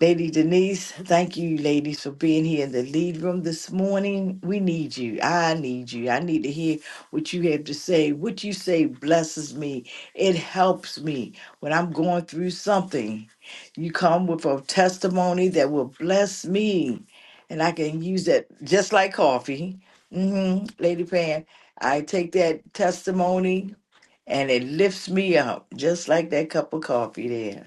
E: Lady Denise, thank you, ladies, for being here in the lead room this morning. We need you. I need you. I need to hear what you have to say. What you say blesses me. It helps me when I'm going through something. You come with a testimony that will bless me, and I can use that just like coffee. hmm Lady Pan, I take that testimony and it lifts me up, just like that cup of coffee there.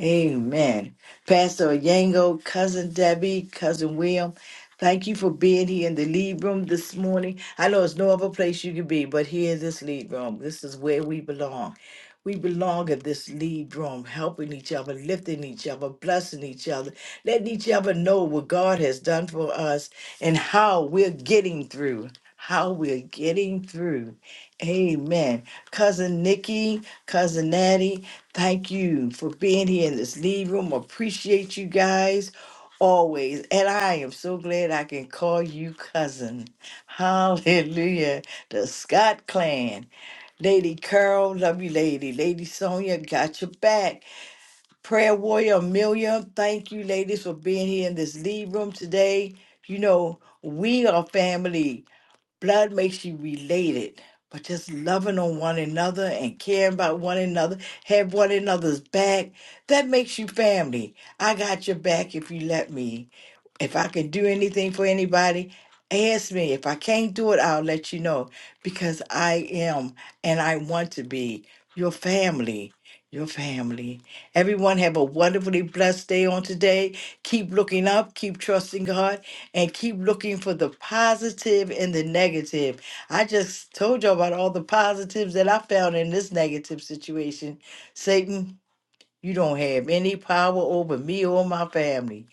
E: Amen. Pastor Yango, Cousin Debbie, Cousin William, thank you for being here in the lead room this morning. I know it's no other place you can be, but here in this lead room, this is where we belong. We belong in this lead room, helping each other, lifting each other, blessing each other, letting each other know what God has done for us and how we're getting through. How we're getting through. Amen. Cousin Nikki, Cousin Natty, Thank you for being here in this lead room. Appreciate you guys always. And I am so glad I can call you cousin. Hallelujah. The Scott clan. Lady Carol, love you, lady. Lady Sonia, got your back. Prayer warrior Amelia, thank you, ladies, for being here in this lead room today. You know, we are family. Blood makes you related, but just loving on one another and caring about one another, have one another's back, that makes you family. I got your back if you let me. If I can do anything for anybody, ask me. If I can't do it, I'll let you know because I am and I want to be your family. Your family. Everyone have a wonderfully blessed day on today. Keep looking up, keep trusting God, and keep looking for the positive and the negative. I just told you about all the positives that I found in this negative situation. Satan, you don't have any power over me or my family.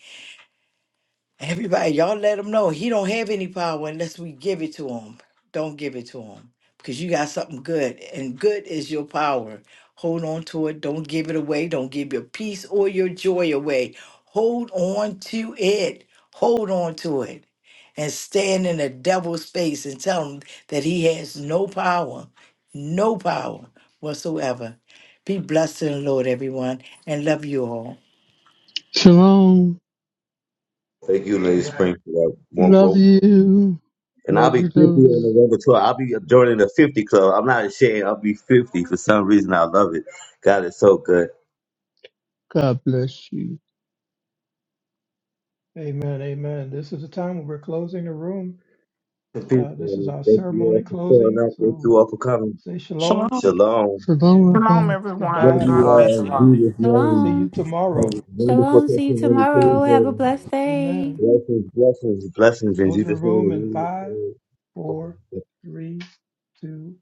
E: Everybody, y'all let him know he don't have any power unless we give it to him. Don't give it to him because you got something good, and good is your power. Hold on to it. Don't give it away. Don't give your peace or your joy away. Hold on to it. Hold on to it. And stand in the devil's face and tell him that he has no power, no power whatsoever. Be blessed in the Lord, everyone, and love you all.
B: Shalom.
A: Thank you, Lady
I: So,
A: Spring, for that one
B: Love
A: rope.
B: you.
A: And I'll
B: Love
A: be
B: you,
A: 50
B: love
A: on
B: you.
A: November 12th. I'll be joining the 50 club. I'm not ashamed. I'll be 50. For some reason, I love it. God is so good.
B: God bless you.
I: amen. Amen. This is the time when we're closing the room
A: Peace,
I: Uh, this is
A: man.
I: our
A: Thank you
I: ceremony
A: all for showing
I: closing.
A: up. Thank
I: So
A: you all for coming.
I: say shalom
J: Shalom.
A: Shalom.
B: Shalom,
I: and
D: Shalom,
B: Rabbi.
D: everyone.
A: Love
I: goodbye.
A: you
D: God
C: Uh,
D: bless
A: all in
D: you.
C: shalom.
A: Jesus'
I: See
A: name.
I: you
G: Shalom.
A: Have a
I: tomorrow.
A: wonderful
G: Shalom. See you
A: testimony
G: tomorrow. Have a
A: Tuesday.
G: blessed day.
I: Amen.
A: Blessings, blessings, blessings in
I: Close the
A: Jesus'
I: room in
A: name.
I: five, four,
A: Amen.
I: three, two,